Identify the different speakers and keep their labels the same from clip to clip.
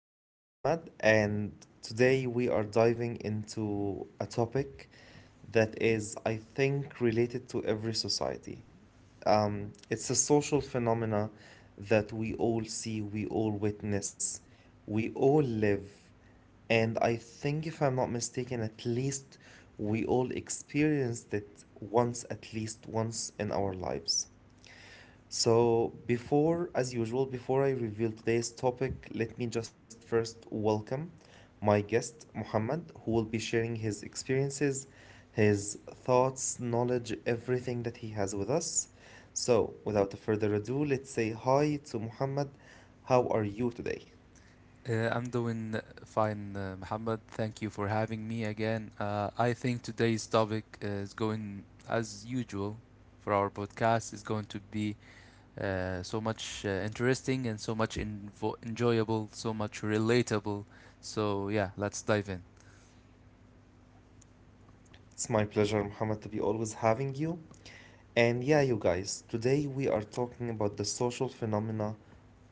Speaker 1: This is Muhammad, and today we are diving into a topic that is, I think, related to every society. It's a social phenomena that we all see, we all witness, we all live, and I think, if I'm not mistaken, at least we all experienced it once, at least once in our lives. So, before, as usual, before I reveal today's topic, let me just first welcome my guest, Muhammad, who will be sharing his experiences, his thoughts, knowledge, everything that he has with us. So, without further ado, let's say hi to Muhammad. How are you today?
Speaker 2: I'm doing fine, Muhammad. Thank you for having me again. I think today's topic is going, as usual, for our podcast is going to be so much interesting and so much enjoyable, so much relatable. So yeah, let's dive in.
Speaker 1: It's my pleasure, Muhammad, to be always having you. And yeah, you guys, today we are talking about the social phenomena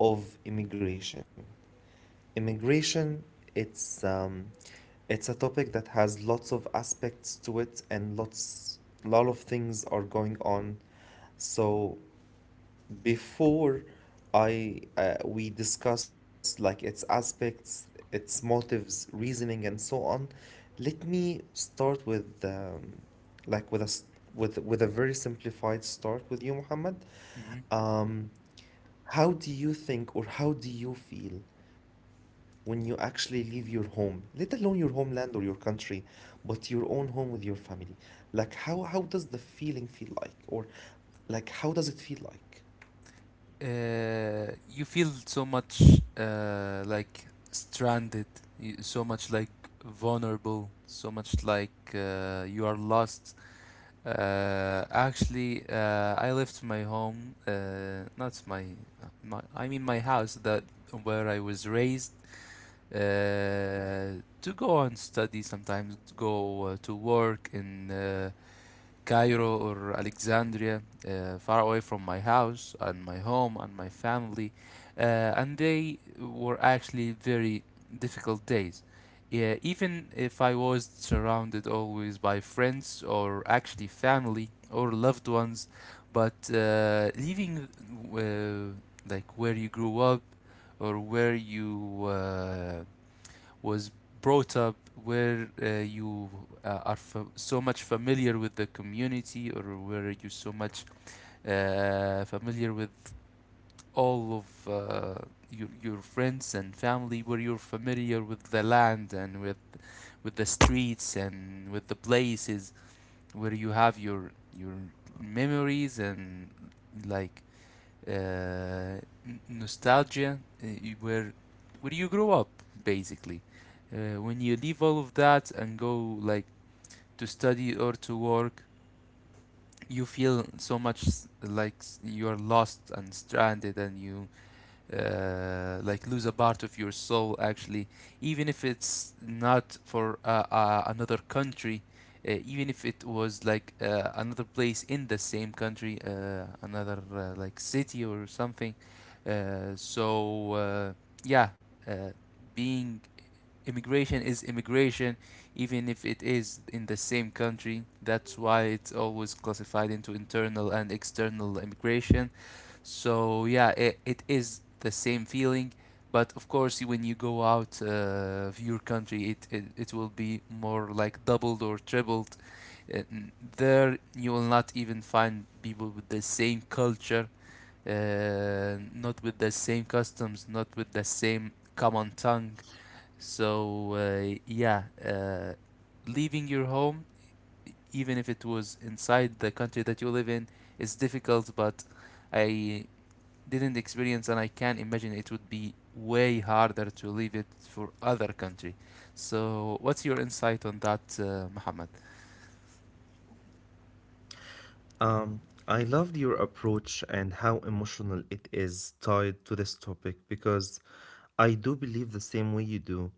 Speaker 1: of immigration. Immigration, it's um, it's a topic that has lots of aspects to it, and lot of things are going on. So before I we discuss like its aspects, its motives, reasoning, and so on, let me start with like with a very simplified start with you, Muhammad.
Speaker 2: hmm
Speaker 1: Um, how do you think, or how do you feel when you actually leave your home, let alone your homeland or your country, but your own home with your family? Like, how does the feeling feel like, or like, how does it feel like?
Speaker 2: You feel so much like stranded, so much like vulnerable, so much like you are lost. Actually, I left my home, not my, my, I mean my house that where I was raised, to go and study sometimes, to go to work in Cairo or Alexandria, far away from my house and my home and my family, uh, and they were actually very difficult days. Yeah, even if I was surrounded always by friends or actually family or loved ones, but leaving uh, like where you grew up or where you was brought up, where you so much familiar with the community, or where you so much familiar with all of your friends and family, where you're familiar with the land and with the streets and with the places where you have your memories and like uh, nostalgia, where where you grow up basically, when you leave all of that and go like to study or to work, you feel so much you're lost and stranded and you like lose a part of your soul actually, even if it's not for another country, even if it was like another place in the same country, another like city or something. So yeah uh, being Immigration is immigration even if it is in the same country. That's why it's always classified into internal and external immigration. So yeah, it is the same feeling, but of course, when you go out of your country, it will be more like doubled or tripled. Uh, n- There, you will not even find people with the same culture, not with the same customs, not with the same common tongue. So leaving your home, even if it was inside the country that you live in, is difficult, but I didn't experience and I can imagine it would be way harder to leave it for other country. So what's your insight on that, Muhammad?
Speaker 1: Um, I loved your approach and how emotional it is tied to this topic, because I do believe the same way you do.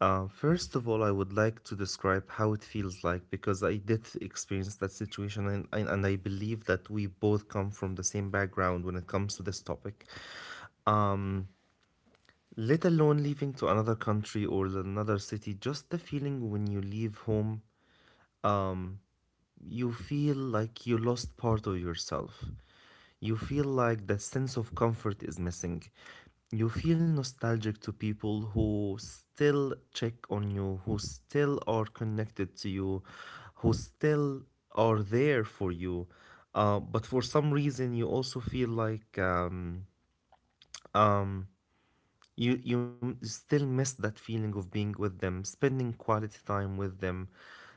Speaker 1: First of all, I would like to describe how it feels like, because I did experience that situation, and I believe that we both come from the same background when it comes to this topic. Let alone leaving to another country or another city, just the feeling when you leave home, you feel like you lost part of yourself. You feel like that sense of comfort is missing. You feel nostalgic to people who still check on you, who still are connected to you, who still are there for you. But for some reason, you also feel like um, you still miss that feeling of being with them, spending quality time with them.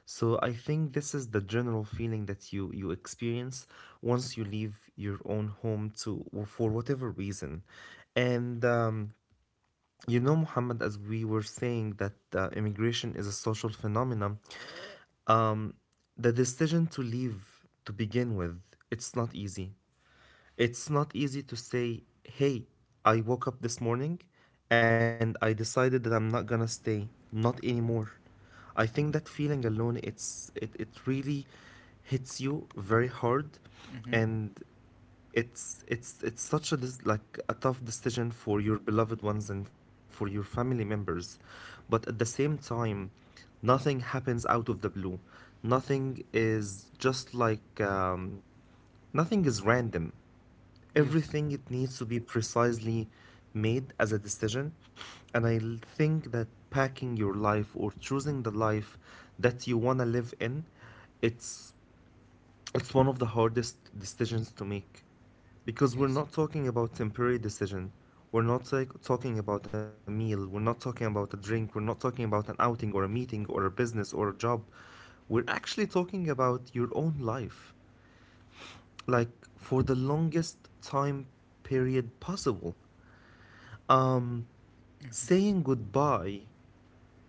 Speaker 1: So I think this is the general feeling that you experience once you leave your own home, to, for whatever reason. And you know, Muhammad, as we were saying that immigration is a social phenomenon, the decision to leave, to begin with, it's not easy. It's not easy to say, hey, I woke up this morning and I decided that I'm not gonna stay, not anymore. I think that feeling alone, it really hits you very hard,
Speaker 2: hmm
Speaker 1: and it's such like a tough decision for your beloved ones and for your family members. But at the same time, nothing happens out of the blue. Nothing is just like nothing is random.
Speaker 2: Yes,
Speaker 1: Everything, it needs to be precisely made as a decision. And I think that packing your life, or choosing the life that you want to live in, it's it's one of the hardest decisions to make, because we're
Speaker 2: yes.
Speaker 1: not talking about temporary decision, we're not like talking about a meal, we're not talking about a drink, we're not talking about an outing or a meeting or a business or a job. We're actually talking about your own life, like, for the longest time period possible. Um, Saying goodbye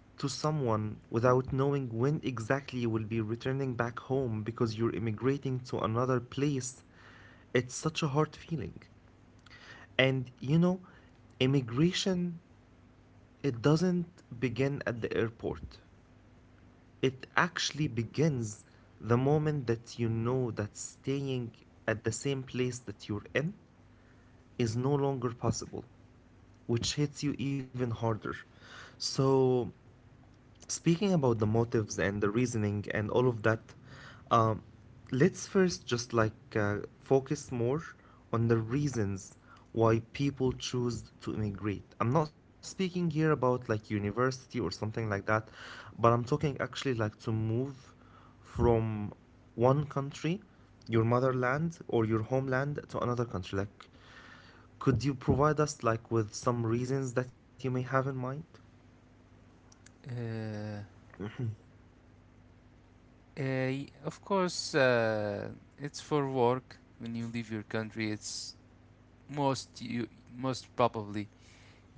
Speaker 1: to someone without knowing when exactly you will be returning back home because you're immigrating to another place, it's such a hard feeling. And you know, immigration, it doesn't begin at the airport. It actually begins the moment that you know that staying at the same place that you're in is no longer possible, which hits you even harder. So, speaking about the motives and the reasoning and all of that, um, let's first just like focus more on the reasons why people choose to immigrate. I'm not speaking here about like university or something like that, but I'm talking actually like to move from one country, your motherland or your homeland, to another country. Like, could you provide us like with some reasons that you may have in mind?
Speaker 2: Uh, Eh. Of course, it's for work. When you leave your country, it's most you most probably,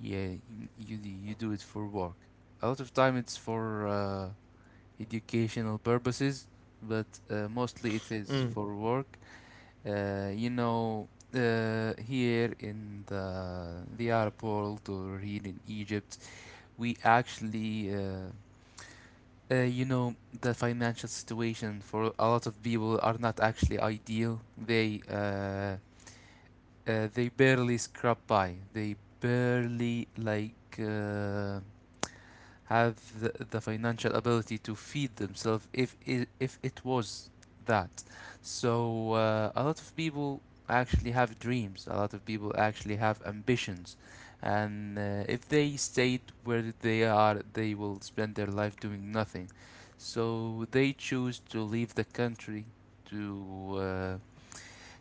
Speaker 2: yeah, you you do it for work. A lot of time it's for educational purposes, but mostly it is
Speaker 1: Mm,
Speaker 2: for work. You know, here in the airport or here in Egypt, we actually, you know, the financial situation for a lot of people are not actually ideal. They barely scrap by. They barely like. Have the financial ability to feed themselves if it was that. So a lot of people actually have dreams. A lot of people actually have ambitions, and if they stayed where they are, they will spend their life doing nothing. So they choose to leave the country to uh,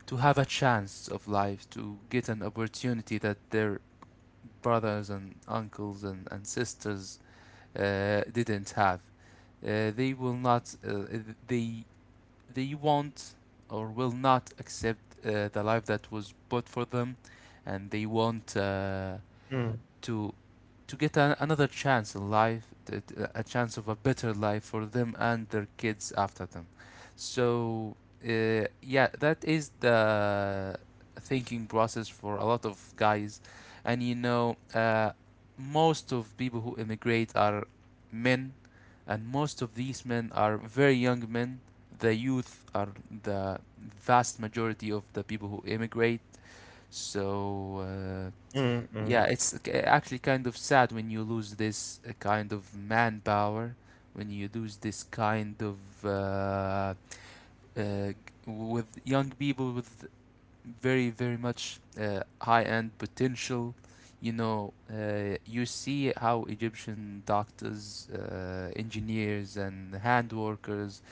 Speaker 2: to have a chance of life, to get an opportunity that their brothers and uncles and sisters didn't have. Uh, they will not. Uh, they they won't or will not accept the life that was bought for them, and they want
Speaker 1: mm,
Speaker 2: to to get an another chance in life, a chance of a better life for them and their kids after them. So, uh, yeah, that is the thinking process for a lot of guys. And you know, uh, most of people who immigrate are men, and most of these men are very young men. The youth are the vast majority of the people who immigrate. So, uh,
Speaker 1: mm, mm.
Speaker 2: yeah, it's actually kind of sad when you lose this kind of manpower, when you lose this kind of uh, uh, g- with young people with very, very much high-end potential. You know, you see how Egyptian doctors, engineers, and hand workers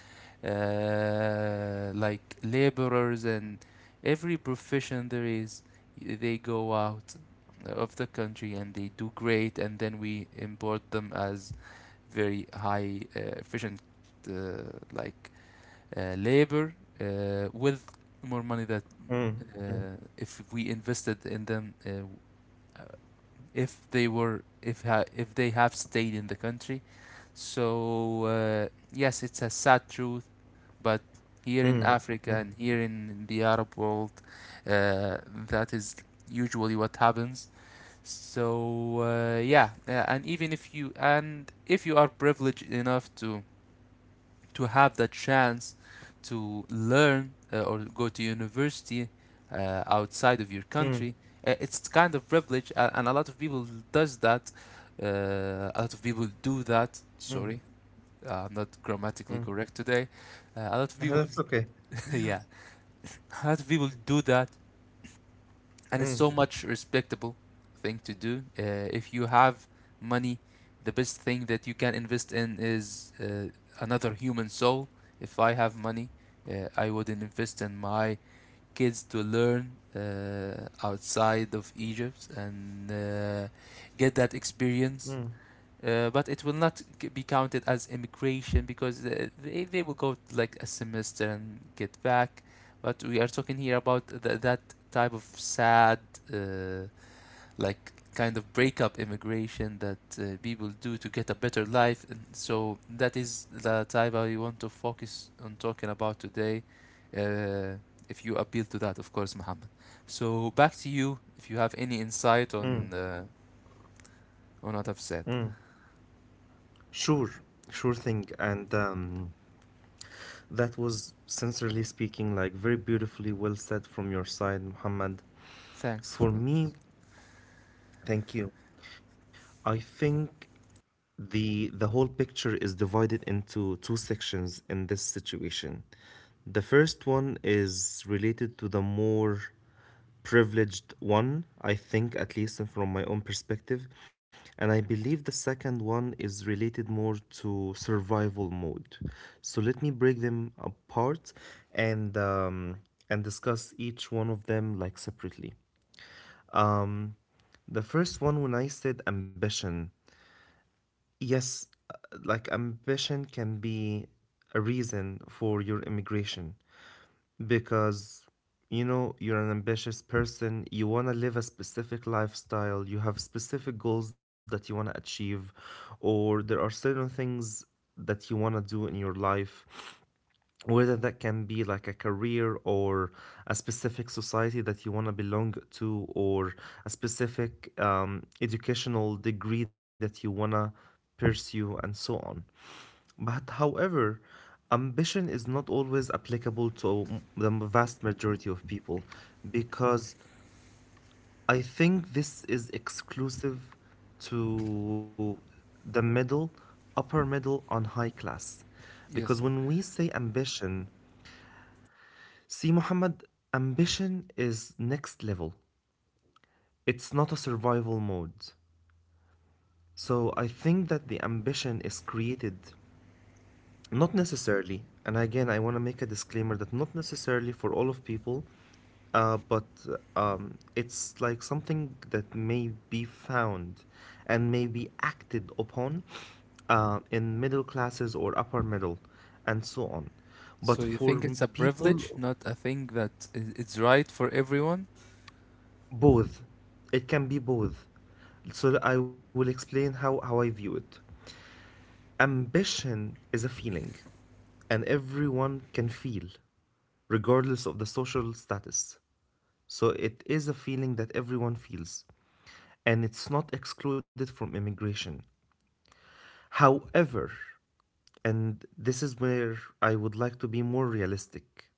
Speaker 2: like laborers and every profession there is, they go out of the country and they do great, and then we import them as very high efficient uh, like labor with more money that
Speaker 1: Mm, mm,
Speaker 2: if we invested in them uh, if they were if they have stayed in the country. So yes, it's a sad truth, but here in
Speaker 1: mm,
Speaker 2: Africa
Speaker 1: mm,
Speaker 2: and here in the Arab world, uh, that is usually what happens. So and even if you and if you are privileged enough to have the chance to learn or go to university outside of your country,
Speaker 1: mm,
Speaker 2: it's kind of privilege, and a lot of people does that. A lot of people do that.
Speaker 1: mm,
Speaker 2: Sorry, I'm not grammatically
Speaker 1: mm.
Speaker 2: correct today. A lot of people,
Speaker 1: That's okay.
Speaker 2: yeah. A lot of people do that, and it's so
Speaker 1: Mm,
Speaker 2: much respectable thing to do. If you have money, the best thing that you can invest in is another human soul. If I have money, I would invest in my kids to learn outside of Egypt and get that
Speaker 1: mm,
Speaker 2: experience, but it will not be counted as immigration because they will go like a semester and get back. But we are talking here about that type of sad, uh, like kind of breakup immigration that people do to get a better life. And so that is the type I want to focus on talking about today. Uh, if you appeal to that, of course, Muhammad. So back to you if you have any insight on what I've said.
Speaker 1: mm. Sure, sure thing. And that was, sincerely speaking, like, very beautifully well said from your side, Muhammad.
Speaker 2: Thanks.
Speaker 1: For me, thank you. I think the whole picture is divided into two sections in this situation. The first one is related to the more privileged one, I think, at least from my own perspective. And I believe the second one is related more to survival mode. So let me break them apart, and um, and discuss each one of them like separately. Um, the first one, when I said ambition, yes, uh, like, ambition can be a reason for your immigration, because you know, you're an ambitious person, you want to live a specific lifestyle, you have specific goals that you want to achieve, or there are certain things that you want to do in your life, whether that can be like a career, or a specific society that you want to belong to, or a specific educational degree that you want to pursue, and so on. But however, ambition is not always applicable to the vast majority of people, because I think this is exclusive to the middle, upper middle, and high class. Because
Speaker 2: Yes.
Speaker 1: when we say ambition, see, Muhammad, ambition is next level. It's not a survival mode. So I think that the ambition is created, not necessarily, and again, I want to make a disclaimer that not necessarily for all of people, but it's like something that may be found and may be acted upon in middle classes or upper middle, and so on.
Speaker 2: So
Speaker 1: But
Speaker 2: you
Speaker 1: for
Speaker 2: think it's a
Speaker 1: people,
Speaker 2: privilege, not a thing that it's right for everyone?
Speaker 1: both, it can be both. So I will explain how, I view it. Ambition is a feeling, and everyone can feel, regardless of the social status. So it is a feeling that everyone feels, and it's not excluded from immigration. However, and this is where I would like to be more realistic,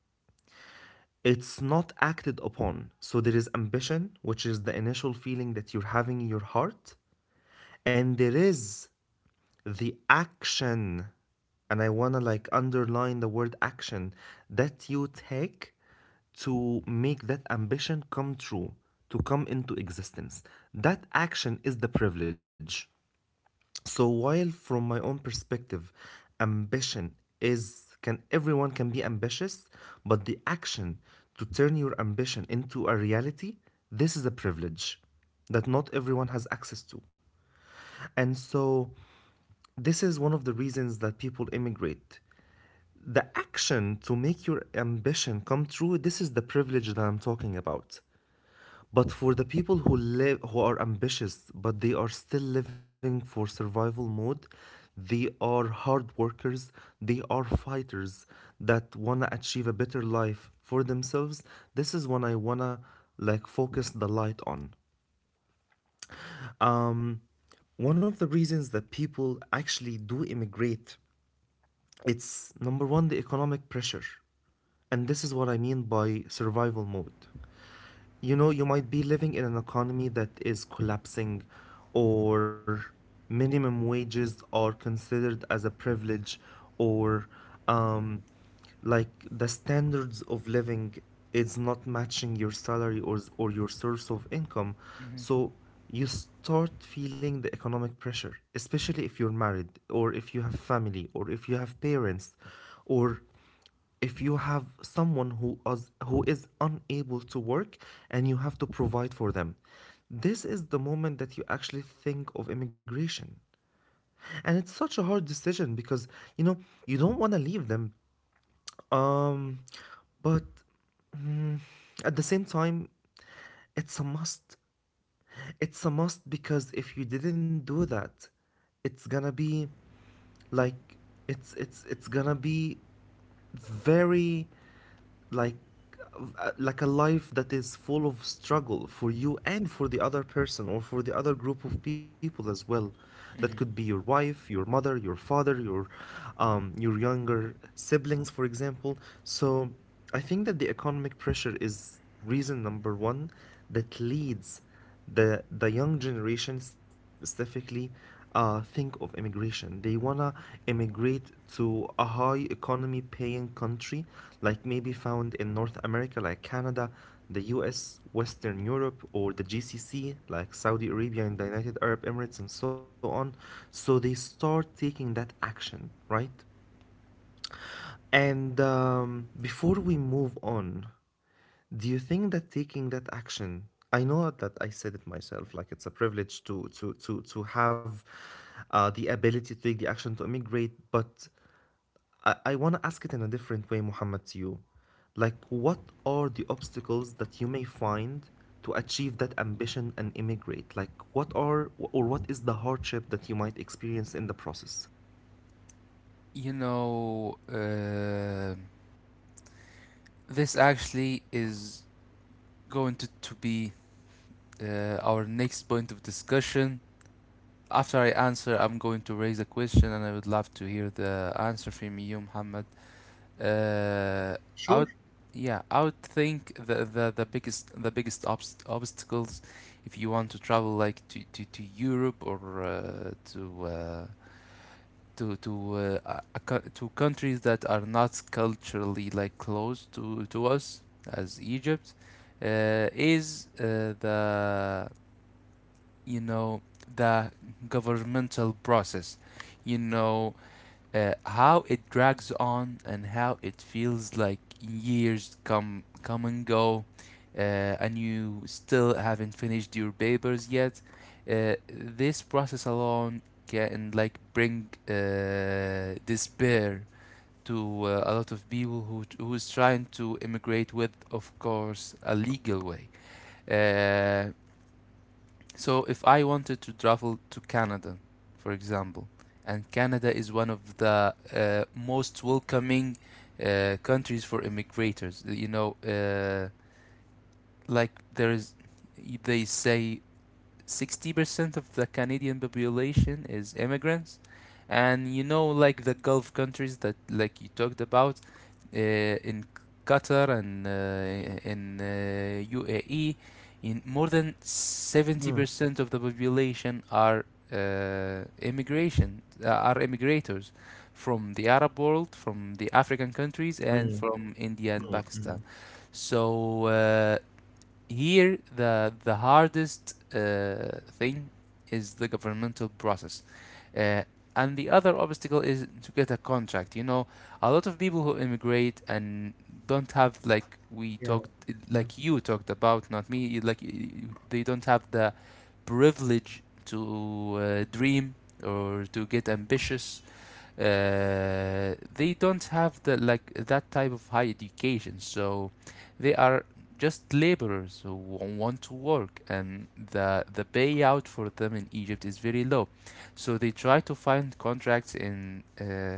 Speaker 1: it's not acted upon. So there is ambition, which is the initial feeling that you're having in your heart. And there is the action, and I want to like underline the word action that you take to make that ambition come true, to come into existence. That action is the privilege. So while from my own perspective, ambition is, can, everyone can be ambitious, but the action to turn your ambition into a reality, this is a privilege that not everyone has access to. And so this is one of the reasons that people immigrate. The action to make your ambition come true, this is the privilege that I'm talking about. But for the people who are ambitious, but they are still living for survival mode, they are hard workers, they are fighters that want to achieve a better life for themselves. This is when I want to like focus the light on. Um One of the reasons that people actually do immigrate, it's number one, the economic pressure. And this is what I mean by survival mode. You know, you might be living in an economy that is collapsing, or minimum wages are considered as a privilege, or um, like, the standards of living is not matching your salary, or your source of income.
Speaker 2: Mhm,
Speaker 1: So you start feeling the economic pressure, especially if you're married, or if you have family, or if you have parents, or if you have someone who is unable to work, and you have to provide for them. This is the moment that you actually think of immigration, and it's such a hard decision, because you know, you don't want to leave them. um but at the same time, it's a must. It's a must, because if you didn't do that, it's gonna be, like, it's gonna be very like like a life that is full of struggle, for you and for the other person, or for the other group of people as well, that could be
Speaker 2: mhm.
Speaker 1: your wife, your mother, your father, your younger siblings, for example. So I think that the economic pressure is reason number one that leads the young generation specifically think of immigration. They wanna immigrate to a high economy paying country, like maybe found in North America, like Canada, the U.S., Western Europe, or the GCC, like Saudi Arabia and the United Arab Emirates, and so on. So they start taking that action, right? And Before we move on, do you think that taking that action, I know that I said it myself, like it's a privilege to have the ability to take the action to immigrate, but I want to ask it in a different way, Muhammad, to you. Like, what are the obstacles that you may find to achieve that ambition and immigrate? Like, what are or what is the hardship that you might experience in the process?
Speaker 2: You know, this actually is going to be our next point of discussion. After I answer, I'm going to raise a question and I would love to hear the answer from you, Muhammad. Uh, out
Speaker 1: Sure.
Speaker 2: Yeah, I would think the biggest obstacles if you want to travel like to Europe or to a co- to countries that are not culturally like close to us as Egypt is the, you know, the governmental process. You know, how it drags on and how it feels like years come and go, uh, and you still haven't finished your papers yet. This process alone can like bring despair to a lot of people who who's trying to immigrate with of course a legal way. uh, so if I wanted to travel to Canada, for example, and Canada is one of the most welcoming countries for immigrators, you know, like there is, they say 60% of the Canadian population is immigrants. And you know, like the Gulf countries that like you talked about, in Qatar and in UAE, in more than
Speaker 1: Mm,
Speaker 2: 70% of the population are immigration are immigrators from the Arab world, from the African countries, and
Speaker 1: mm,
Speaker 2: from India and
Speaker 1: mm,
Speaker 2: Pakistan.
Speaker 1: mm.
Speaker 2: So here the hardest thing is the governmental process, uh, and the other obstacle is to get a contract. You know, a lot of people who immigrate and don't have, like we talked,
Speaker 1: Yeah,
Speaker 2: like
Speaker 1: yeah.
Speaker 2: you talked about, not me, like, they don't have the privilege to dream or to get ambitious. They don't have the like that type of high education, so they are just laborers who want to work, and the payout for them in Egypt is very low, so they try to find contracts in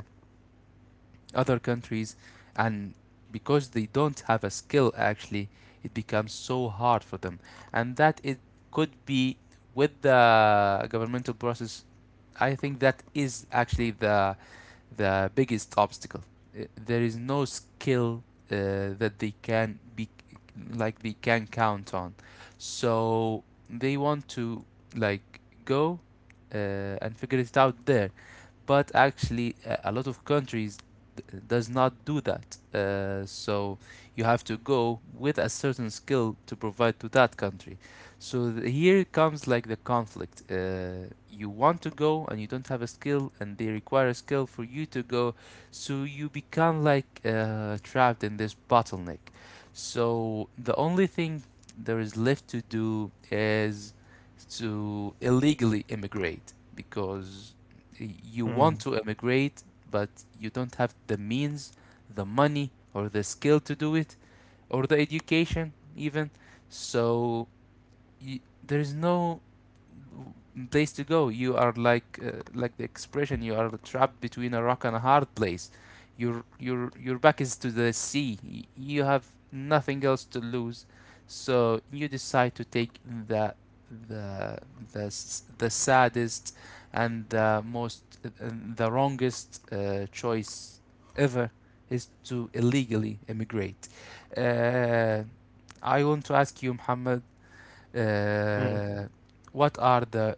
Speaker 2: other countries, and because they don't have a skill actually, it becomes so hard for them, and that it could be with the governmental process. I think that is actually the biggest obstacle. There is no skill that they can be like they can count on. So they want to like go uh, and figure it out there, but actually a lot of countries does not do that. So you have to go with a certain skill to provide to that country. So here comes like the conflict. You want to go and you don't have a skill, and they require a skill for you to go. So you become like trapped in this bottleneck. So the only thing there is left to do is to illegally immigrate because you want to
Speaker 1: Mm,
Speaker 2: immigrate, but you don't have the means, the money, or the skill to do it, or the education, even. So you, there is no place to go. You are like the expression. You are trapped between a rock and a hard place. Your back is to the sea. You have nothing else to lose, so you decide to take the the the saddest and the most and the wrongest choice ever is to illegally immigrate. Uh, I want to ask you, Muhammad, uh,
Speaker 1: mm.
Speaker 2: what are the?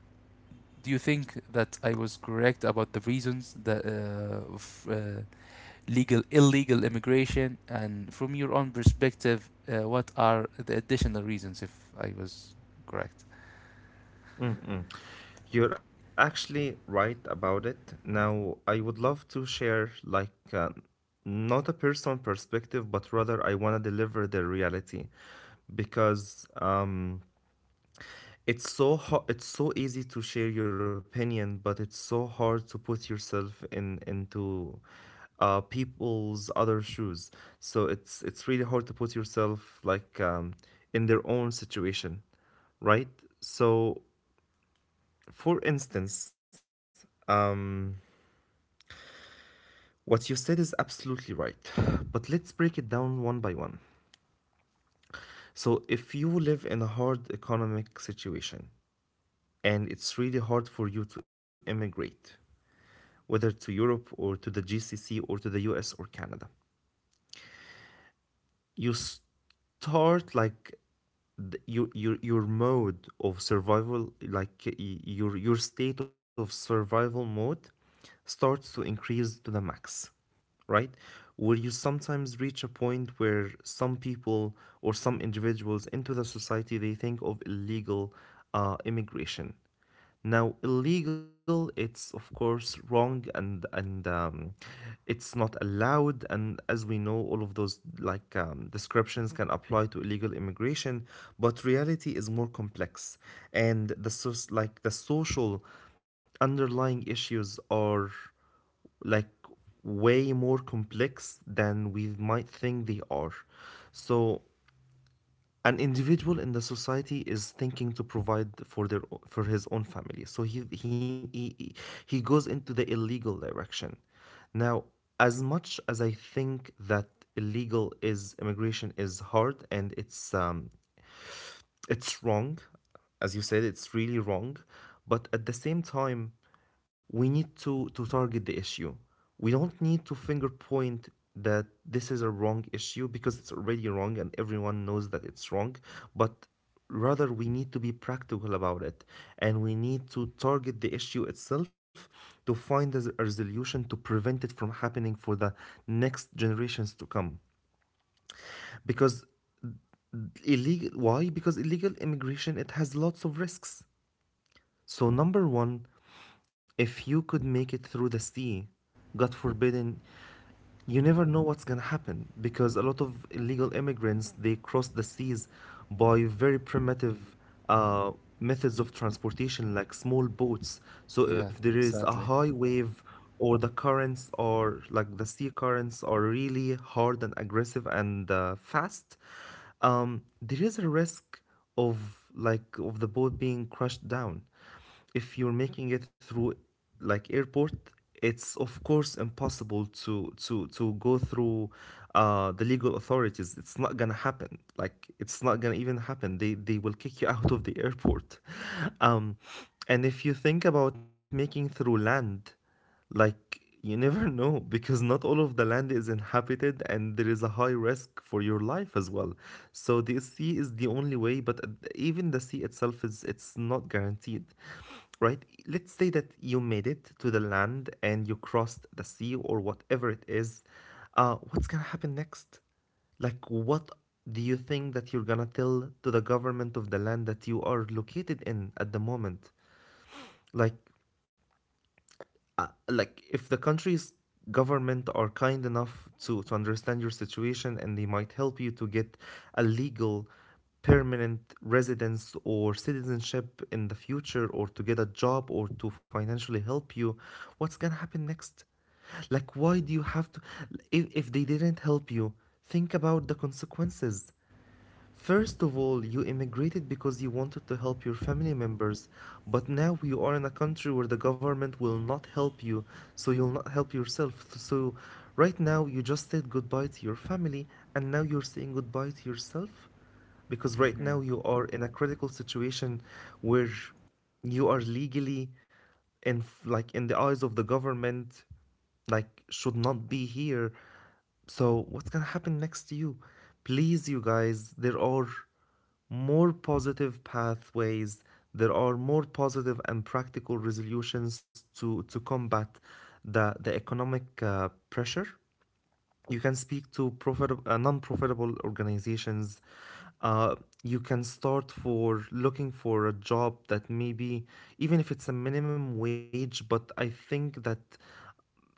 Speaker 2: Do you think that I was correct about the reasons that of legal illegal immigration? And from your own perspective, what are the additional reasons if I was correct?
Speaker 1: Mm-mm. You're actually right about it. Now, I would love to share, like, not a personal perspective, but rather I want to deliver the reality because it's so it's so easy to share your opinion, but it's so hard to put yourself in into people's other shoes. So it's really hard to put yourself like in their own situation, right? So for instance, what you said is absolutely right, but let's break it down one by one. So, if you live in a hard economic situation and it's really hard for you to immigrate, whether to Europe or to the GCC or to the US or Canada, you start like your mode of survival like your state of survival mode starts to increase to the max, right? Where you sometimes reach a point where some people or some individuals into the society, they think of illegal immigration. Now, illegal, it's of course wrong, and it's not allowed. And as we know, all of those like descriptions can apply to illegal immigration, but reality is more complex, and the source like the social underlying issues are, like, way more complex than we might think they are. So an individual in the society is thinking to provide for their for his own family, so he goes into the illegal direction. Now, as much as I think that illegal is immigration is hard and it's wrong, as you said, it's really wrong, but at the same time, we need to target the issue. We don't need to finger point that this is a wrong issue because it's already wrong and everyone knows that it's wrong, but rather we need to be practical about it, and we need to target the issue itself, to find a resolution to prevent it from happening for the next generations to come. Because illegal, why? Because illegal immigration, it has lots of risks. So number one, if you could make it through the sea, God forbidden, you never know what's going to happen because a lot of illegal immigrants, they cross the seas by very primitive uh, methods of transportation like small boats. So
Speaker 2: Yeah,
Speaker 1: if there is a
Speaker 2: sadly.
Speaker 1: high wave or the currents or like the sea currents are really hard and aggressive and fast, there is a risk of like of the boat being crushed down. If you're making it through like airport, it's of course impossible to go through the legal authorities. It's not gonna happen, like it's not gonna even happen. They will kick you out of the airport. um and if you think about making through land, like, you never know because not all of the land is inhabited and there is a high risk for your life as well. So the sea is the only way, but even the sea itself is it's not guaranteed. Right? Let's say that you made it to the land and you crossed the sea or whatever it is. What's gonna happen next? Like, what do you think that you're gonna tell to the government of the land that you are located in at the moment? Like, like if the country's government are kind enough to understand your situation and they might help you to get a legal permanent residence or citizenship in the future, or to get a job, or to financially help you. What's gonna happen next? Like, why do you have to, if they didn't help you, think about the consequences. First of all, you immigrated because you wanted to help your family members, but now you are in a country where the government will not help you, so you'll not help yourself. So, right now, you just said goodbye to your family, and now you're saying goodbye to yourself? Because right
Speaker 2: Hmm.
Speaker 1: now you are in a critical situation where you are legally in, like in the eyes of the government, like should not be here. So what's gonna happen next to you? Please, you guys, there are more positive pathways. There are more positive and practical resolutions to combat the economic pressure. You can speak to profit non-profitable organizations. uh, you can start for looking for a job that maybe even if it's a minimum wage, but I think that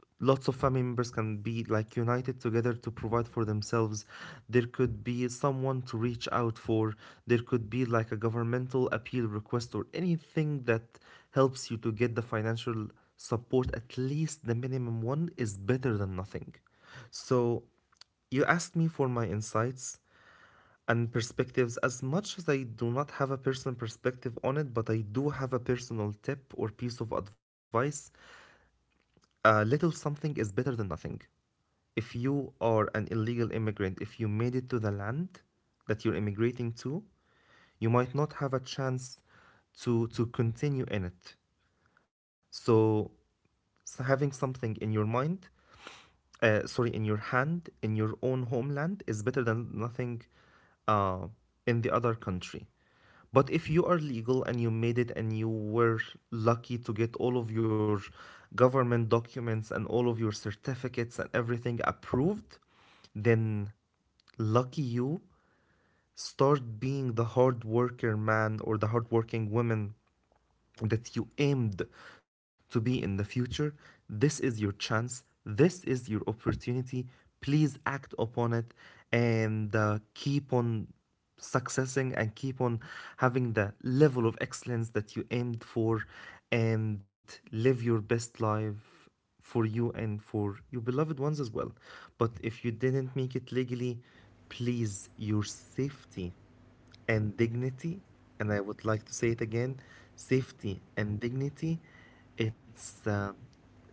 Speaker 1: lots of family members can be like united together to provide for themselves. There could be someone to reach out for. There could be like a governmental appeal request or anything that helps you to get the financial support. At least the minimum one is better than nothing. So you asked me for my insights and perspectives. As much as I do not have a personal perspective on it, but I do have a personal tip or piece of advice. A little something is better than nothing. If you are an illegal immigrant, if you made it to the land that you're immigrating to, you might not have a chance to continue in it. So having something in your mind, sorry, in your hand, in your own homeland, is better than nothing uh, in the other country. But if you are legal and you made it and you were lucky to get all of your government documents and all of your certificates and everything approved, then lucky you, start being the hard worker man or the hardworking woman that you aimed to be in the future. This is your chance. This is your opportunity. Please act upon it, and keep on successing and keep on having the level of excellence that you aimed for, and live your best life for you and for your beloved ones as well. But if you didn't make it legally, please, your safety and dignity, and I would like to say it again, safety and dignity, it's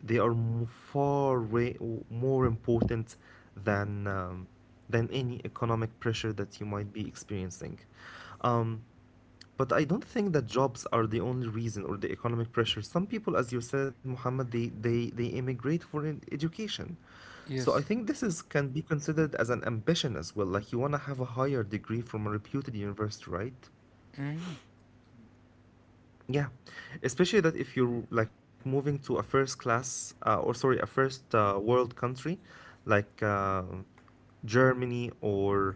Speaker 1: they are far way, more important than um, than any economic pressure that you might be experiencing. Um, but I don't think that jobs are the only reason or the economic pressure. Some people, as you said, Muhammad, they immigrate for an education. So I
Speaker 2: Yes.
Speaker 1: think this is can be considered as an ambition as well. Like you want to have a higher degree from a reputed university, right?
Speaker 2: Hmm.
Speaker 1: Yeah, especially that if you're like moving to a first class or sorry, a first world country, like Germany or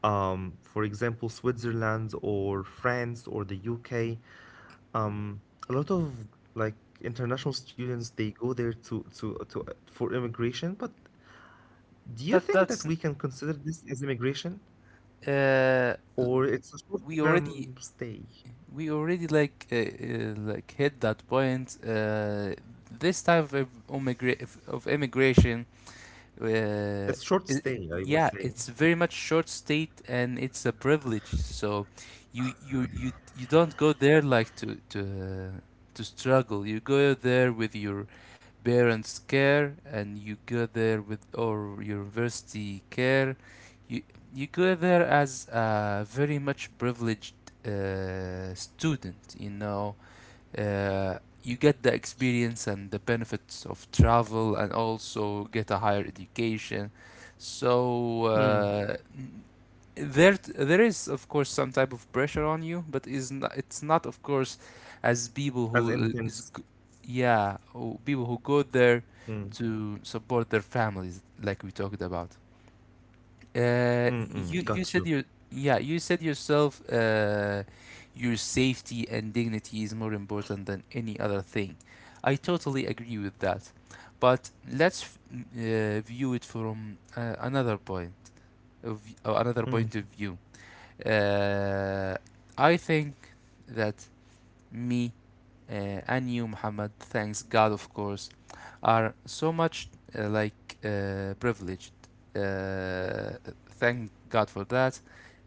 Speaker 1: for example, Switzerland or France or the UK. um a lot of, like, international students, they go there to for immigration. But do you
Speaker 2: But
Speaker 1: think that
Speaker 2: that's
Speaker 1: we can consider this as immigration
Speaker 2: uh,
Speaker 1: or it's a
Speaker 2: we already
Speaker 1: short-term stay?
Speaker 2: we already like hit that point. This type of immigra- of immigration Uh,
Speaker 1: It's short
Speaker 2: I-
Speaker 1: stay, I would
Speaker 2: Yeah,
Speaker 1: say.
Speaker 2: it's very much short state, and it's a privilege. So, you don't go there like to to struggle. You go there with your parents' care, and you go there with or your university care. You you go there as a very much privileged student. You know, uh, you get the experience and the benefits of travel and also get a higher education. So
Speaker 1: Mm,
Speaker 2: there is of course some type of pressure on you, but is not, it's not of course as people
Speaker 1: as
Speaker 2: who
Speaker 1: intense.
Speaker 2: yeah, people who go there
Speaker 1: Mm,
Speaker 2: to support their families like we talked about. Uh,
Speaker 1: mm, mm,
Speaker 2: you
Speaker 1: got
Speaker 2: you
Speaker 1: you.
Speaker 2: said your Yeah, you said yourself, your safety and dignity is more important than any other thing. I totally agree with that, but view it from another point of or another point
Speaker 1: Mm.
Speaker 2: of view. Uh, I think that me and you, Muhammad, thanks God, of course, are so much privileged. Uh, thank God for that.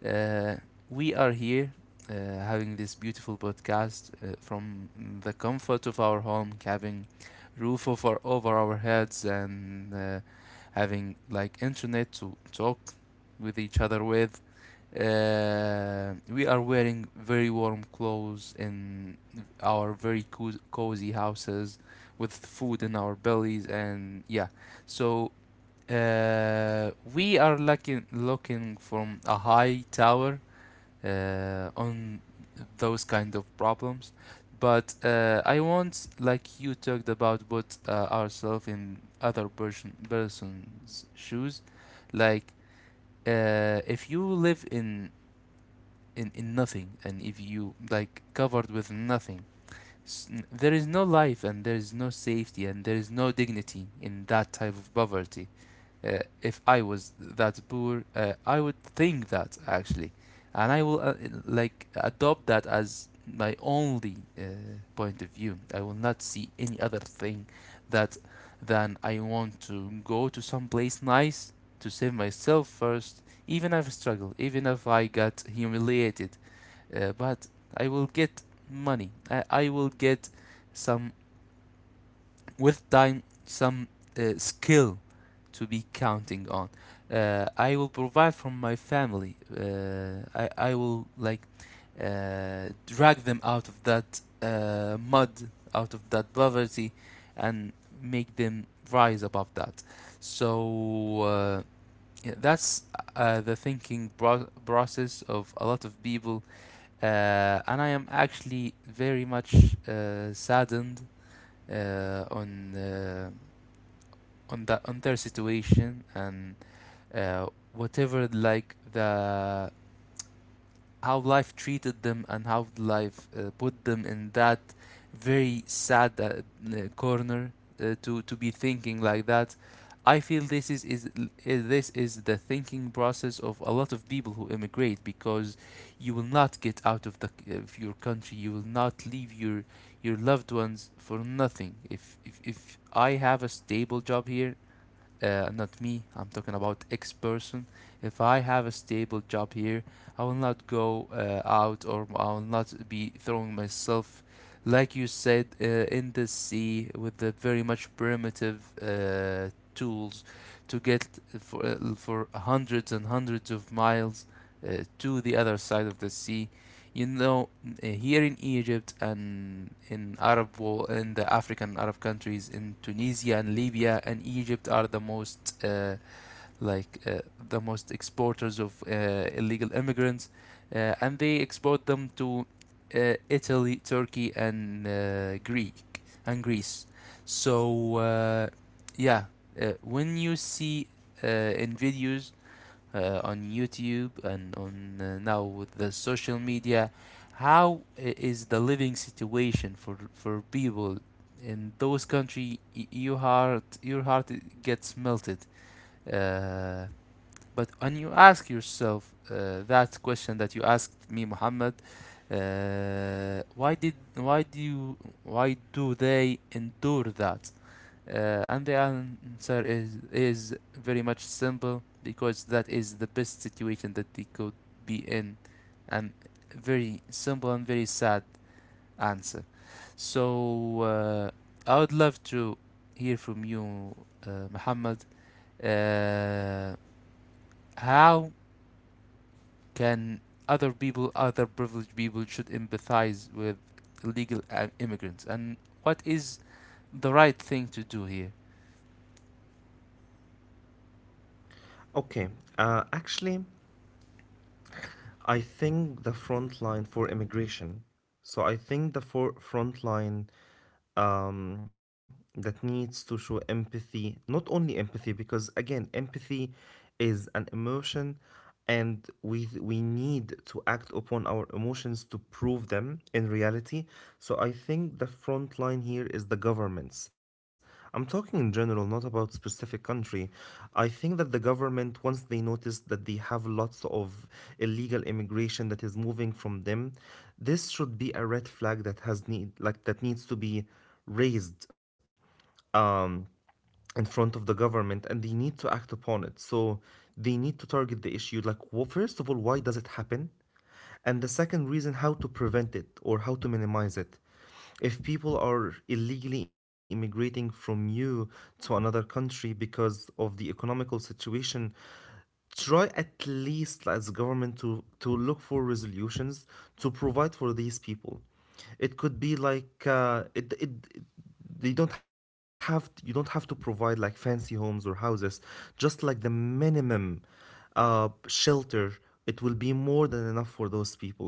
Speaker 2: Uh, we are here having this beautiful podcast from the comfort of our home, having roof over our heads, and having like internet to talk with each other with. We are wearing very warm clothes in our very cozy houses with food in our bellies, and yeah, so we are looking from a high tower on those kind of problems, but I want, like you talked about, put ourselves in other person's shoes. Like if you live in nothing, and if you like covered with nothing. There is no life and there is no safety and there is no dignity in that type of poverty. If I was that poor, I would think that actually, and I will like adopt that as my only point of view. I will not see any other thing that than I want to go to some place nice to save myself first, even if I struggle, even if I got humiliated, but I will get money. I will get some, with time, some skill to be counting on. I will provide from my family. I will like drag them out of that mud, out of that poverty, and make them rise above that. So yeah, that's the process of a lot of people, and I am actually very much saddened on that, on their situation, and uh, whatever like the how life treated them and how life put them in that very sad corner to be thinking like that. I feel this is the thinking process of a lot of people who immigrate, because you will not get out of the of your country. You will not leave your loved ones for nothing. If I have a stable job here, not me, I'm talking about X person. If I have a stable job here, I will not go out, or I will not be throwing myself, like you said, in the sea with the very much primitive tools to get for hundreds and hundreds of miles to the other side of the sea, you know. Uh, here in Egypt and in Arab world, in the African Arab countries, in Tunisia and Libya and Egypt are the most like the most exporters of illegal immigrants, and they export them to Italy, Turkey, and Greek and Greece. So yeah, when you see uh, in videos on YouTube and on, now with the social media, how is the living situation for people in those country? Your heart gets melted. Uh, but when you ask yourself that question that you asked me, Muhammad, uh, why did why do why do they endure that? And the answer is very much simple, because that is the best situation that they could be in, and very simple and very sad answer. So I would love to hear from you, Muhammad. Uh, how can other people, other privileged people, should empathize with illegal immigrants, and what is the right thing to do here?
Speaker 1: Okay, actually, I think the front line for immigration, so I think the for front line um, that needs to show empathy, not only empathy, because again, empathy is an emotion, and we need to act upon our emotions to prove them in reality. So I think the front line here is the governments. I'm talking in general, not about specific country. I think that the government, once they notice that they have lots of illegal immigration that is moving from them, this should be a red flag that has need like that needs to be raised in front of the government and they need to act upon it. So they need to target the issue. Like, well, first of all, why does it happen? And the second reason, how to prevent it or how to minimize it. If people are illegally immigrating from you to another country because of the economical situation, try at least as government to look for resolutions to provide for these people. It could be like it- they don't have, you don't have to provide like fancy homes or houses, just like the minimum shelter. It will be more than enough for those people.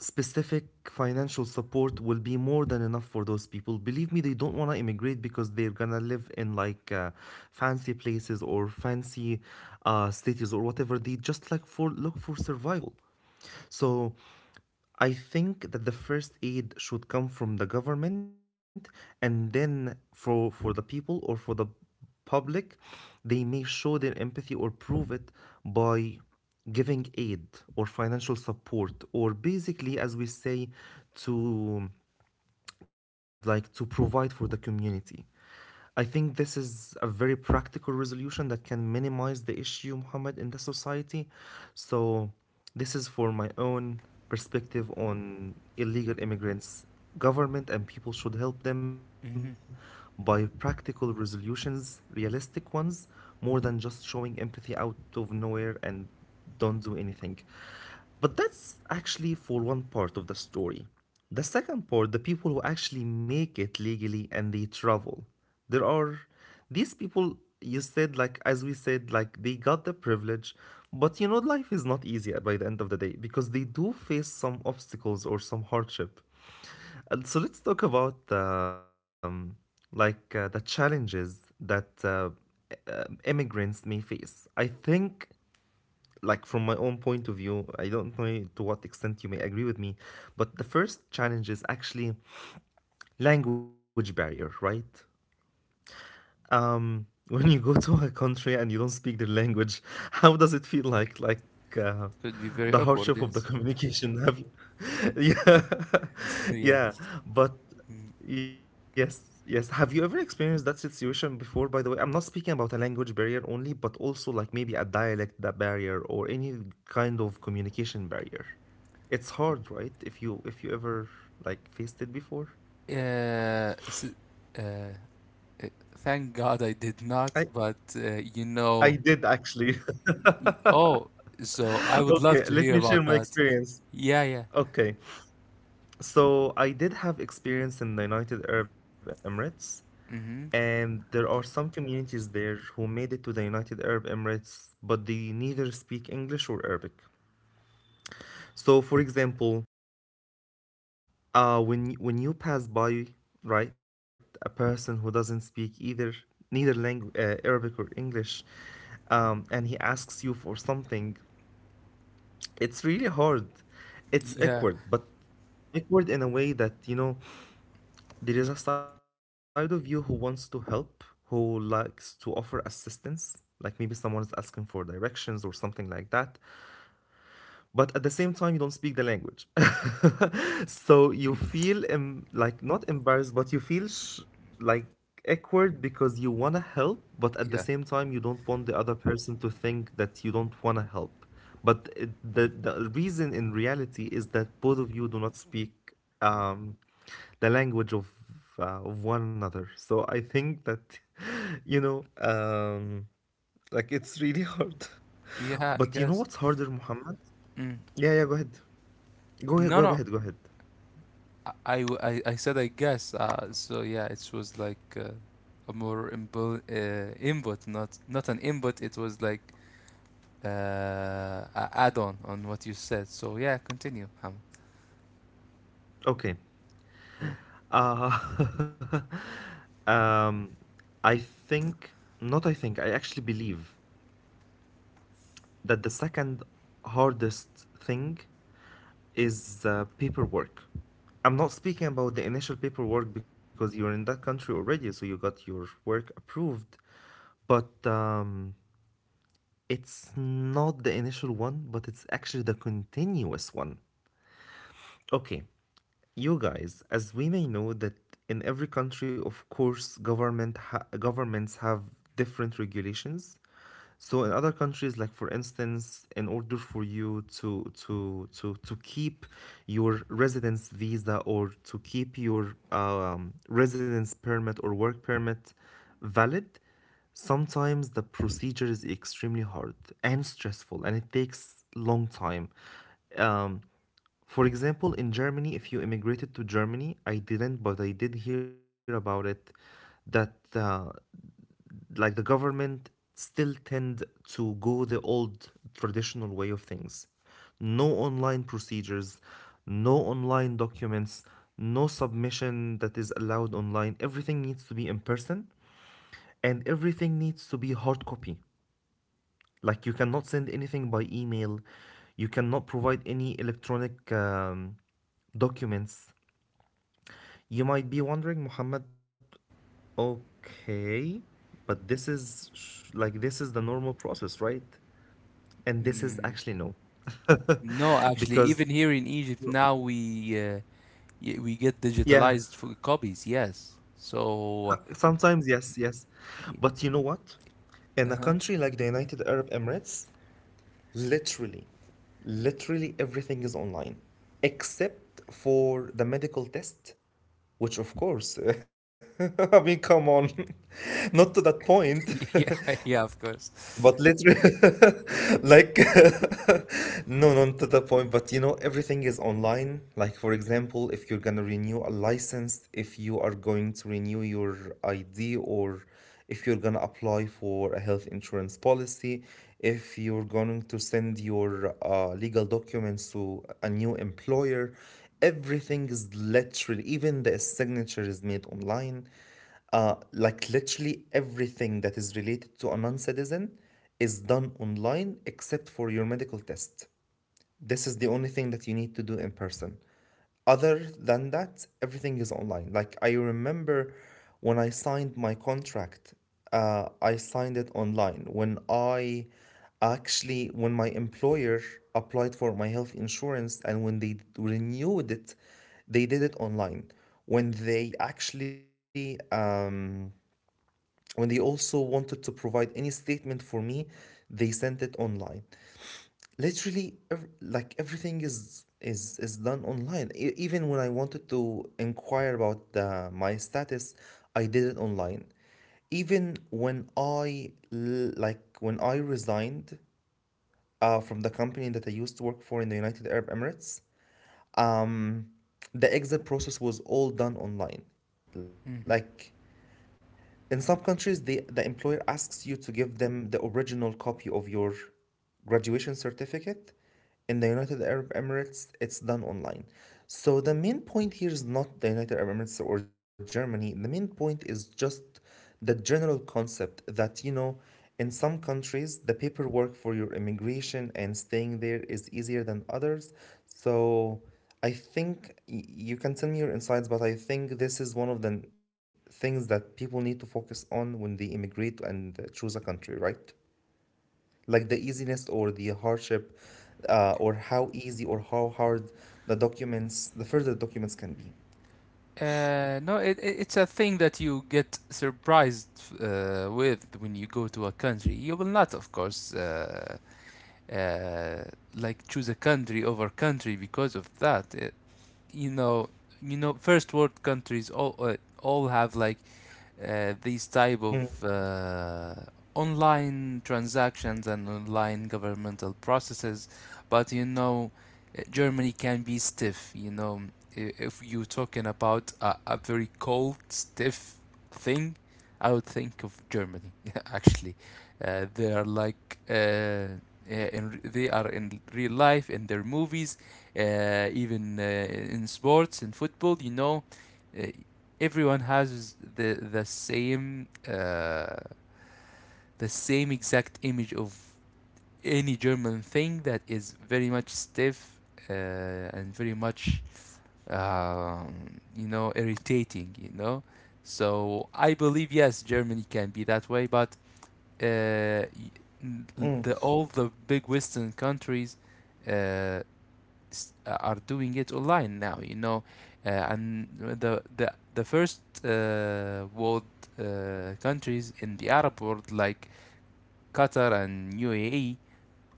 Speaker 1: Specific financial support will be more than enough for those people. Believe me, they don't want to immigrate because they're gonna live in like fancy places or fancy cities or whatever. They just like for look for survival. So I think that the first aid should come from the government, and then for the people or for the public, they may show their empathy or prove it by giving aid or financial support, or basically, as we say, to like to provide for the community. I think this is a very practical resolution that can minimize the issue, Muhammad, in the society. So, this is for my own perspective on illegal immigrants. Government and people should help them
Speaker 2: Hmm.
Speaker 1: by practical resolutions, realistic ones, more than just showing empathy out of nowhere and don't do anything. But that's actually for one part of the story. The second part, the people who actually make it legally and they travel. There are these people, you said, like, as we said, like, they got the privilege, but you know, life is not easy by the end of the day because they do face some obstacles or some hardship. And so let's talk about like the challenges that immigrants may face. I think, like, from my own point of view, I don't know to what extent you may agree with me, but the first challenge is actually language barrier, right? When you go to a country and you don't speak their language, how does it feel like? Like uh,
Speaker 2: Could be very
Speaker 1: the
Speaker 2: awkward,
Speaker 1: hardship of the
Speaker 2: yes.
Speaker 1: communication. Have you, yeah,
Speaker 2: Yeah.
Speaker 1: yeah. But yes, yes. Have you ever experienced that situation before? By the way, I'm not speaking about a language barrier only, but also like maybe a dialect that barrier or any kind of communication barrier. It's hard, right? If you ever like faced it before.
Speaker 2: Yeah. Uh, uh, Thank God I did not,
Speaker 1: I
Speaker 2: but you
Speaker 1: I
Speaker 2: know.
Speaker 1: did actually.
Speaker 2: Oh, so I would
Speaker 1: Okay,
Speaker 2: love to
Speaker 1: let me
Speaker 2: hear
Speaker 1: share
Speaker 2: about
Speaker 1: my
Speaker 2: that.
Speaker 1: experience.
Speaker 2: Yeah, yeah.
Speaker 1: Okay, so I did have experience in the United Arab Emirates,
Speaker 2: Mm-hmm.
Speaker 1: and there are some communities there who made it to the United Arab Emirates, but they neither speak English or Arabic. So, for example, when when you pass by, right, a person who doesn't speak either neither langu Arabic or English, and he asks you for something, it's really hard. It's
Speaker 2: Yeah,
Speaker 1: awkward, but awkward in a way that you know there is a side of you who wants to help, who likes to offer assistance, like maybe someone is asking for directions or something like that, but at the same time, you don't speak the language. So you feel like not embarrassed, but you feel sh like awkward because you want to help, but at the
Speaker 2: yeah.
Speaker 1: same time you don't want the other person to think that you don't want to help. But it, the reason in reality is that both of you do not speak um, the language of one another. So I think that you know um, like it's really hard.
Speaker 2: Yeah, I
Speaker 1: But you know
Speaker 2: guess.
Speaker 1: what's harder, Muhammad?
Speaker 2: Mm.
Speaker 1: Yeah, yeah. Go ahead. Go ahead.
Speaker 2: No,
Speaker 1: Go
Speaker 2: no.
Speaker 1: ahead. Go ahead.
Speaker 2: I said I guess. So yeah, it was like a more imbu input, not not an input. It was like a add-on on what you said. So yeah, continue.
Speaker 1: Okay.
Speaker 2: Yeah.
Speaker 1: Uh, um, I think, not I think, I actually believe that the second hardest thing is paperwork. I'm not speaking about the initial paperwork because you're in that country already, so you got your work approved. But it's not the initial one, but it's actually the continuous one. Okay, you guys, as we may know that in every country, of course, governments have different regulations. So in other countries, like for instance, in order for you to keep your residence visa or to keep your residence permit or work permit valid, sometimes the procedure is extremely hard and stressful, and it takes long time. Um, for example, in Germany, if you immigrated to Germany, I didn't, but I did hear about it that like the government still tend to go the old traditional way of things. No online procedures, no online documents, no submission that is allowed online. Everything needs to be in person and everything needs to be hard copy. Like you cannot send anything by email, you cannot provide any electronic documents. You might be wondering, Muhammad, okay, but this is like this is the normal process, right? And this is
Speaker 2: Mm.
Speaker 1: actually no.
Speaker 2: No, actually,
Speaker 1: Because
Speaker 2: even here in Egypt now we we get
Speaker 1: yeah,
Speaker 2: digitalized for copies. Yes. So,
Speaker 1: sometimes yes, yes. But you know what? In a
Speaker 2: uh-huh.
Speaker 1: country like the United Arab Emirates, literally, literally everything is online except for the medical test, which of course, I mean, come on, not to that point.
Speaker 2: Yeah, yeah, of course.
Speaker 1: But literally, like, no, not to the point, but you know, everything is online. Like, for example, if you're gonna renew a license, if you are going to renew your ID, or if you're gonna apply for a health insurance policy, if you're going to send your legal documents to a new employer, everything is literally, even the signature is made online. Like literally everything that is related to a non-citizen is done online except for your medical test. This is the only thing that you need to do in person. Other than that, everything is online. Like I remember when I signed my contract, I signed it online. When I actually, when my employer applied for my health insurance and when they renewed it, they did it online. When they actually when they also wanted to provide any statement for me, they sent it online. Literally like everything is done online. Even when I wanted to inquire about the my status, I did it online. Even when like when I resigned from the company that I used to work for in the United Arab Emirates, the exit process was all done online. Like in some countries, the employer asks you to give them the original copy of your graduation certificate. In the United Arab Emirates, it's done online. So the main point here is not the United Arab Emirates or Germany. The main point is just the general concept that, you know, in some countries, the paperwork for your immigration and staying there is easier than others. So I think you can tell me your insights, but I think this is one of the things that people need to focus on when they immigrate and choose a country, right? Like the easiness or the hardship, or how easy or how hard the documents, the further documents can be.
Speaker 2: No, it's a thing that you get surprised with when you go to a country. You will not, of course, uh, like choose a country over country because of that. It, you know, you know, first world countries all have like these type of
Speaker 1: Mm,
Speaker 2: online transactions and online governmental processes. But you know, Germany can be stiff, you know. If you're talking about a very cold stiff thing, I would think of Germany actually. Uh, they are like, they are in real life in their movies, even in sports in football, you know. Uh, everyone has the same exact image of any German thing that is very much stiff uh, and very much, you know, irritating. You know, so I believe yes, Germany can be that way, but uh, the
Speaker 1: mm,
Speaker 2: all the big Western countries uh, are doing it online now, you know. Uh, and the first world countries in the Arab world like Qatar and UAE,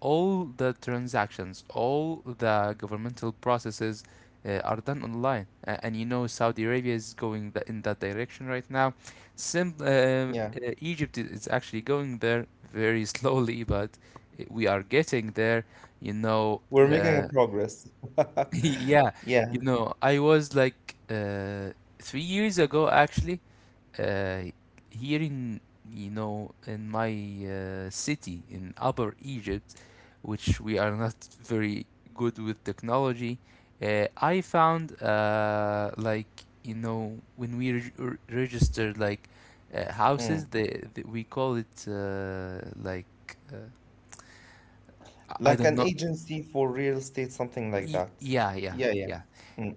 Speaker 2: all the transactions, all the governmental processes are done online. Uh, and you know, Saudi Arabia is going in that direction right now. Sim- uh, uh,
Speaker 1: yeah,
Speaker 2: Egypt is actually going there very slowly, but we are getting there, you know.
Speaker 1: we're making
Speaker 2: Uh,
Speaker 1: a progress.
Speaker 2: Yeah, you
Speaker 1: Yeah,
Speaker 2: know, I was like 3 years ago actually, uh, here in, you know, in my city in Upper Egypt, which we are not very good with technology, I found like, you know, when we registered like houses,
Speaker 1: mm.
Speaker 2: the we call it like. Uh, I
Speaker 1: Like
Speaker 2: don't
Speaker 1: an
Speaker 2: know.
Speaker 1: agency for real estate, something like that.
Speaker 2: Yeah, yeah,
Speaker 1: Yeah, yeah.
Speaker 2: yeah.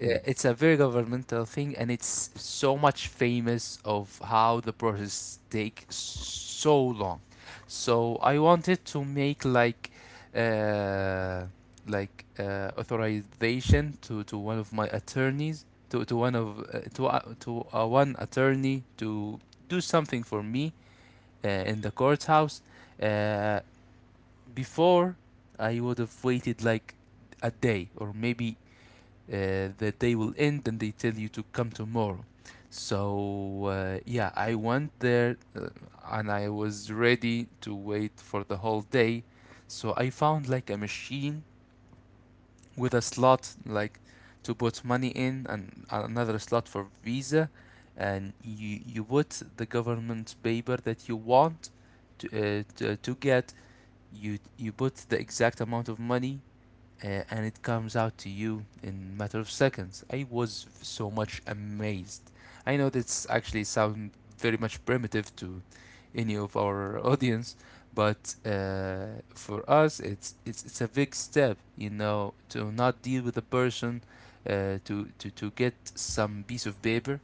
Speaker 2: It's a very governmental thing, and it's so much famous of how the process take so long. So I wanted to make like uh, like authorization to one of my attorneys, to one of to one attorney to do something for me in the courthouse. Uh, before, I would have waited like a day, or maybe the day will end and they tell you to come tomorrow. So yeah, I went there and I was ready to wait for the whole day. So I found like a machine with a slot like to put money in, and another slot for Visa, and you put the government paper that you want to to get. You put the exact amount of money, and it comes out to you in a matter of seconds. I was so much amazed. I know this actually sounds very much primitive to any of our audience, but for us, it's a big step, you know, to not deal with a person, to get some piece of paper.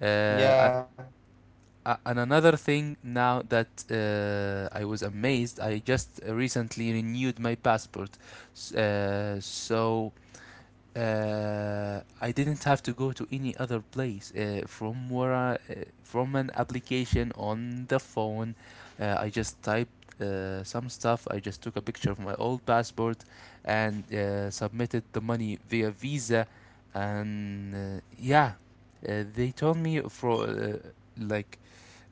Speaker 2: Uh,
Speaker 1: Yeah.
Speaker 2: a- and another thing now that I was amazed, I just recently renewed my passport. S- Uh, so I didn't have to go to any other place from an application on the phone. I just typed some stuff. I just took a picture of my old passport and submitted the money via Visa, and yeah, they told me for like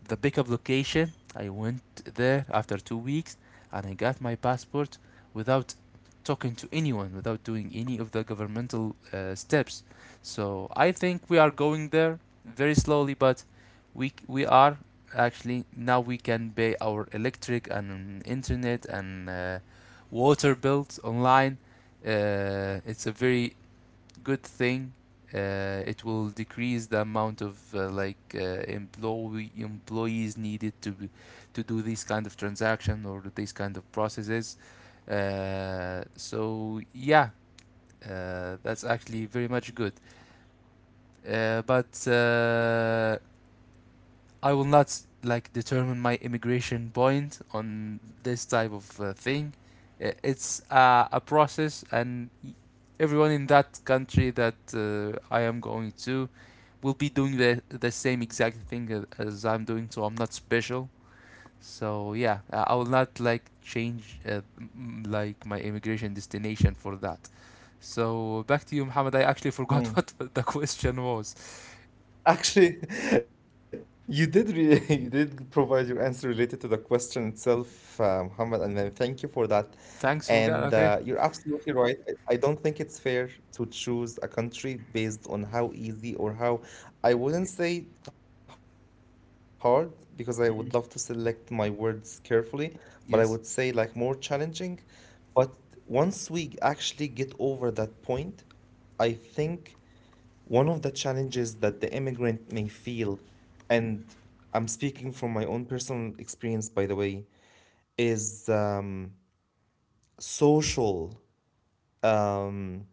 Speaker 2: the pickup location. I went there after 2 weeks and I got my passport without talking to anyone, without doing any of the governmental steps. So I think we are going there very slowly, but we are actually now we can pay our electric and, internet and water bills online. It's a very good thing. It will decrease the amount of like employees needed to to do these kind of transaction or these kind of processes. So yeah, that's actually very much good. But I will not like determine my immigration point on this type of thing. It's a process, and everyone in that country that I am going to will be doing the same exact thing as I'm doing, so I'm not special. So yeah, I will not like change like my immigration destination for that. So back to you, Muhammad. I actually forgot what the question was.
Speaker 1: Actually, you did re you did provide your answer related to the question itself, Muhammad, and then thank you for that.
Speaker 2: Thanks
Speaker 1: And
Speaker 2: for that.
Speaker 1: you're
Speaker 2: Okay.
Speaker 1: absolutely right. I don't think it's fair to choose a country based on how easy or how I wouldn't say hard because I would love to select my words carefully, but I would say like more
Speaker 2: Yes.
Speaker 1: challenging. But once we actually get over that point, I think one of the challenges that the immigrant may feel, and I'm speaking from my own personal experience, by the way, is social um,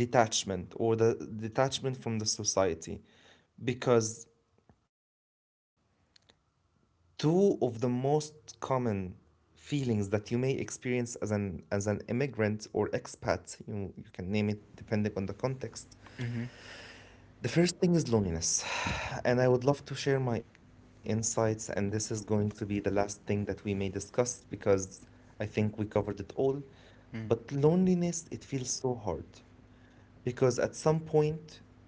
Speaker 1: detachment or the detachment from the society. Because two of the most common feelings that you may experience as an immigrant or expat, you can name it depending on the context,
Speaker 2: Mm-hmm.
Speaker 1: the first thing is loneliness, and I would love to share my insights, and this is going to be the last thing that we may discuss because I think we covered it all.
Speaker 2: Mm.
Speaker 1: But loneliness, it feels so hard because at some point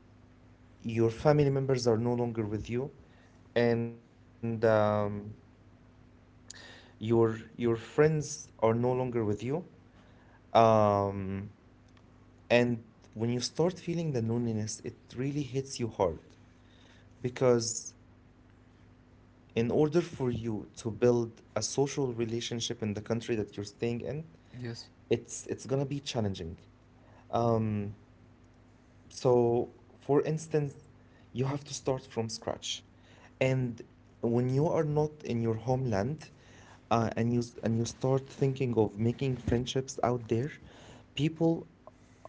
Speaker 1: your family members are no longer with you, and your friends are no longer with you. Um, and when you start feeling the loneliness, it really hits you hard. Because in order for you to build a social relationship in the country that you're staying in, it's
Speaker 2: Yes.
Speaker 1: it's gonna be challenging. So, for instance, you have to start from scratch. And when you are not in your homeland, and you and you start thinking of making friendships out there, people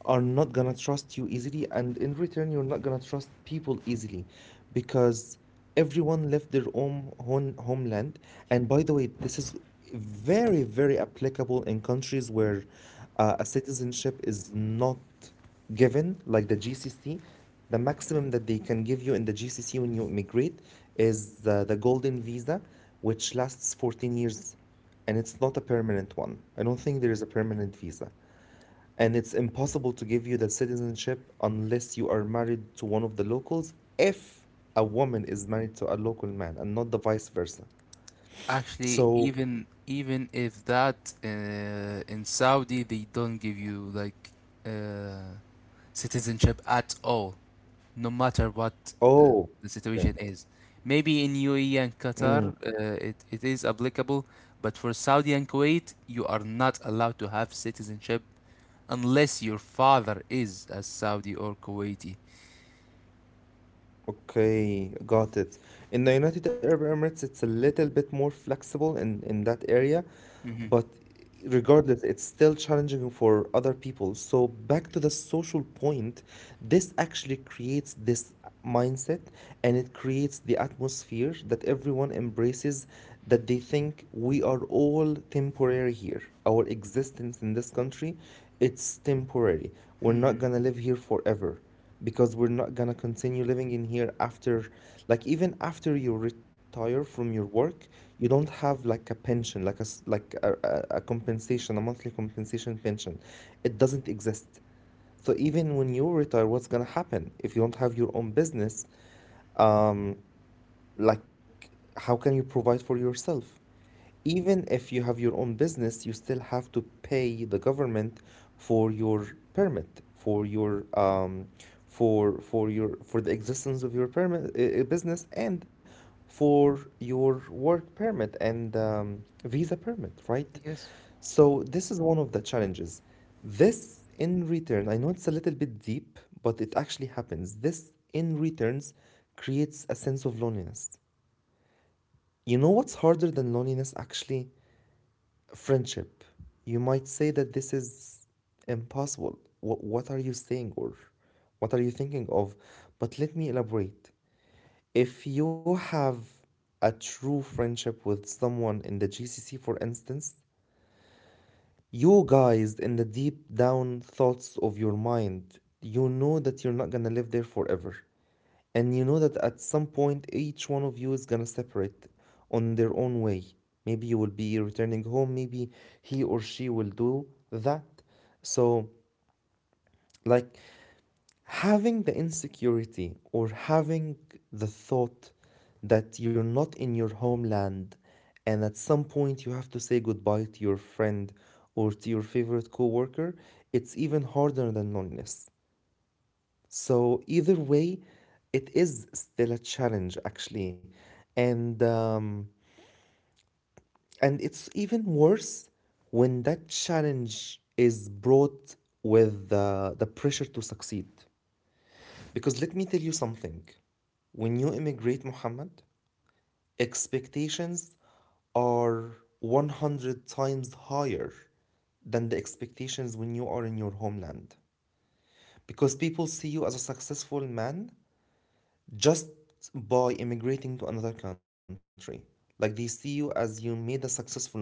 Speaker 1: are not gonna trust you easily, and in return, you're not gonna trust people easily because everyone left their own home, homeland. And by the way, this is very, very applicable in countries where a citizenship is not given, like the GCC. The maximum that they can give you in the GCC when you immigrate is the golden visa, which lasts 14 years and it's not a permanent one. I don't think there is a permanent visa. And it's impossible to give you that citizenship unless you are married to one of the locals, if a woman is married to a local man and not the vice versa.
Speaker 2: Actually,
Speaker 1: So,
Speaker 2: even even if that, in Saudi they don't give you like uh, citizenship at all, no matter what uh,
Speaker 1: oh,
Speaker 2: the
Speaker 1: okay.
Speaker 2: situation is. Maybe in UAE and
Speaker 1: Mm.
Speaker 2: Qatar, it, it is applicable, but for Saudi and Kuwait, you are not allowed to have citizenship unless your father is a Saudi or Kuwaiti.
Speaker 1: Okay, got it. In the United Arab Emirates, it's a little bit more flexible in that area,
Speaker 2: Hmm.
Speaker 1: but regardless, it's still challenging for other people. So, back to the social point, this actually creates this mindset and it creates the atmosphere that everyone embraces that they think we are all temporary here. Our existence in this country, it's temporary. We're not gonna live here forever because we're not gonna continue living in here after, like, even after you retire from your work, you don't have like a pension, like a like a compensation, a monthly compensation pension. It doesn't exist. So even when you retire, what's gonna happen if you don't have your own business? um like how can you provide for yourself? Even if you have your own business, you still have to pay the government for your permit, for your for your for the existence of your permit, business, and for your work permit and visa permit, right?
Speaker 2: Yes.
Speaker 1: So this is one of the challenges. This in return, I know it's a little bit deep, but it actually happens. This in returns creates a sense of loneliness. You know what's harder than loneliness actually? Friendship. You might say that this is impossible. What are you saying, or what are you thinking of? But let me elaborate. If you have a true friendship with someone in the GCC, for instance, you guys, in the deep down thoughts of your mind, you know that you're not gonna live there forever. And you know that at some point, each one of you is gonna separate on their own way. Maybe you will be returning home, maybe he or she will do that. So, like, having the insecurity or having the thought that you're not in your homeland, and at some point you have to say goodbye to your friend or to your favorite coworker, it's even harder than loneliness. So either way, it is still a challenge actually. And um, and it's even worse when that challenge is brought with the pressure to succeed. Because let me tell you something. When you immigrate, Muhammad, expectations are 100 times higher than the expectations when you are in your homeland. Because people see you as a successful man just by immigrating to another country. Like, they see you as you made a successful move.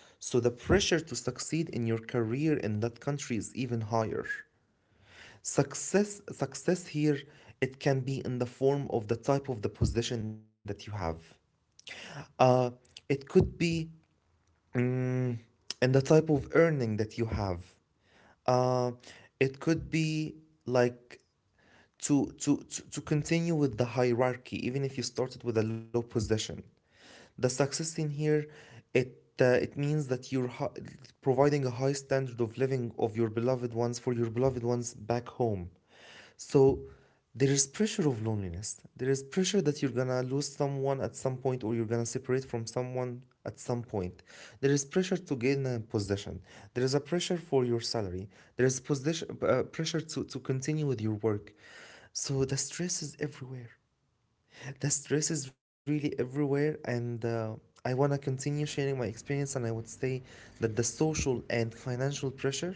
Speaker 1: So the pressure to succeed in your career in that country is even higher. Success here, it can be in the form of the type of the position that you have. Uh it could be, mm, in the type of earning that you have. Uh it could be, like, to continue with the hierarchy. Even if you started with a low position, the success in here, it it means that you're providing a high standard of living of your beloved ones, for your beloved ones back home. So there is pressure of loneliness, there is pressure that you're gonna lose someone at some point or you're gonna separate from someone at some point, there is pressure to gain a position, there is a pressure for your salary, there is position, pressure to continue with your work. So the stress is everywhere. The stress is really everywhere, and I want to continue sharing my experience. And I would say that the social and financial pressure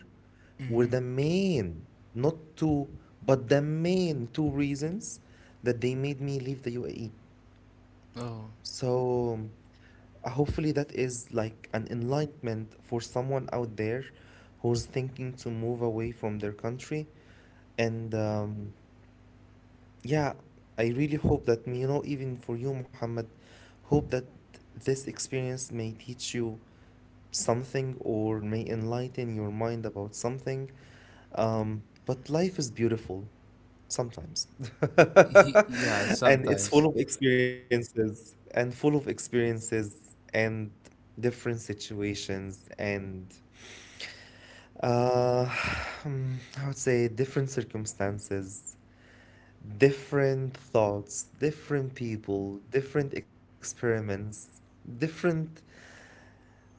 Speaker 1: were
Speaker 2: Hmm.
Speaker 1: the main, not two, but the main two reasons that they made me leave the UAE.
Speaker 2: Oh.
Speaker 1: So hopefully that is like an enlightenment for someone out there who's thinking to move away from their country, and yeah, I really hope that, you know, even for you, Muhammad, hope that this experience may teach you something or may enlighten your mind about something. But life is beautiful sometimes,
Speaker 2: Yeah,
Speaker 1: and it's full
Speaker 2: sometimes.
Speaker 1: of experiences, and full of experiences and different situations and uh, I would say different circumstances, different thoughts, different people, different experiments, different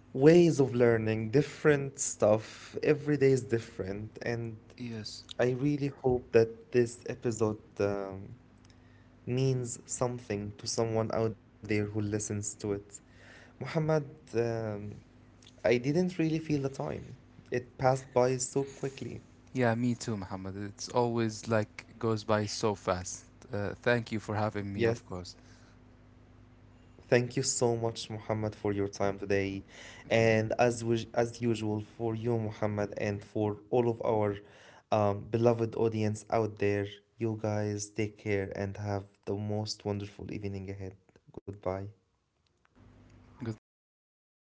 Speaker 1: ways of learning, different stuff. Every day is different. And
Speaker 2: Yes.
Speaker 1: I really hope that this episode means something to someone out there who listens to it. Muhammad, um, I didn't really feel the time. It passed by so quickly.
Speaker 2: Yeah, me too, Muhammad. It's always like goes by so fast. Thank you for having me, of
Speaker 1: Yes.
Speaker 2: course.
Speaker 1: Thank you so much, Muhammad, for your time today,
Speaker 2: Okay,
Speaker 1: and as as usual for you, Muhammad, and for all of our beloved audience out there. You guys take care and have the most wonderful evening ahead. Goodbye.
Speaker 2: goodbye.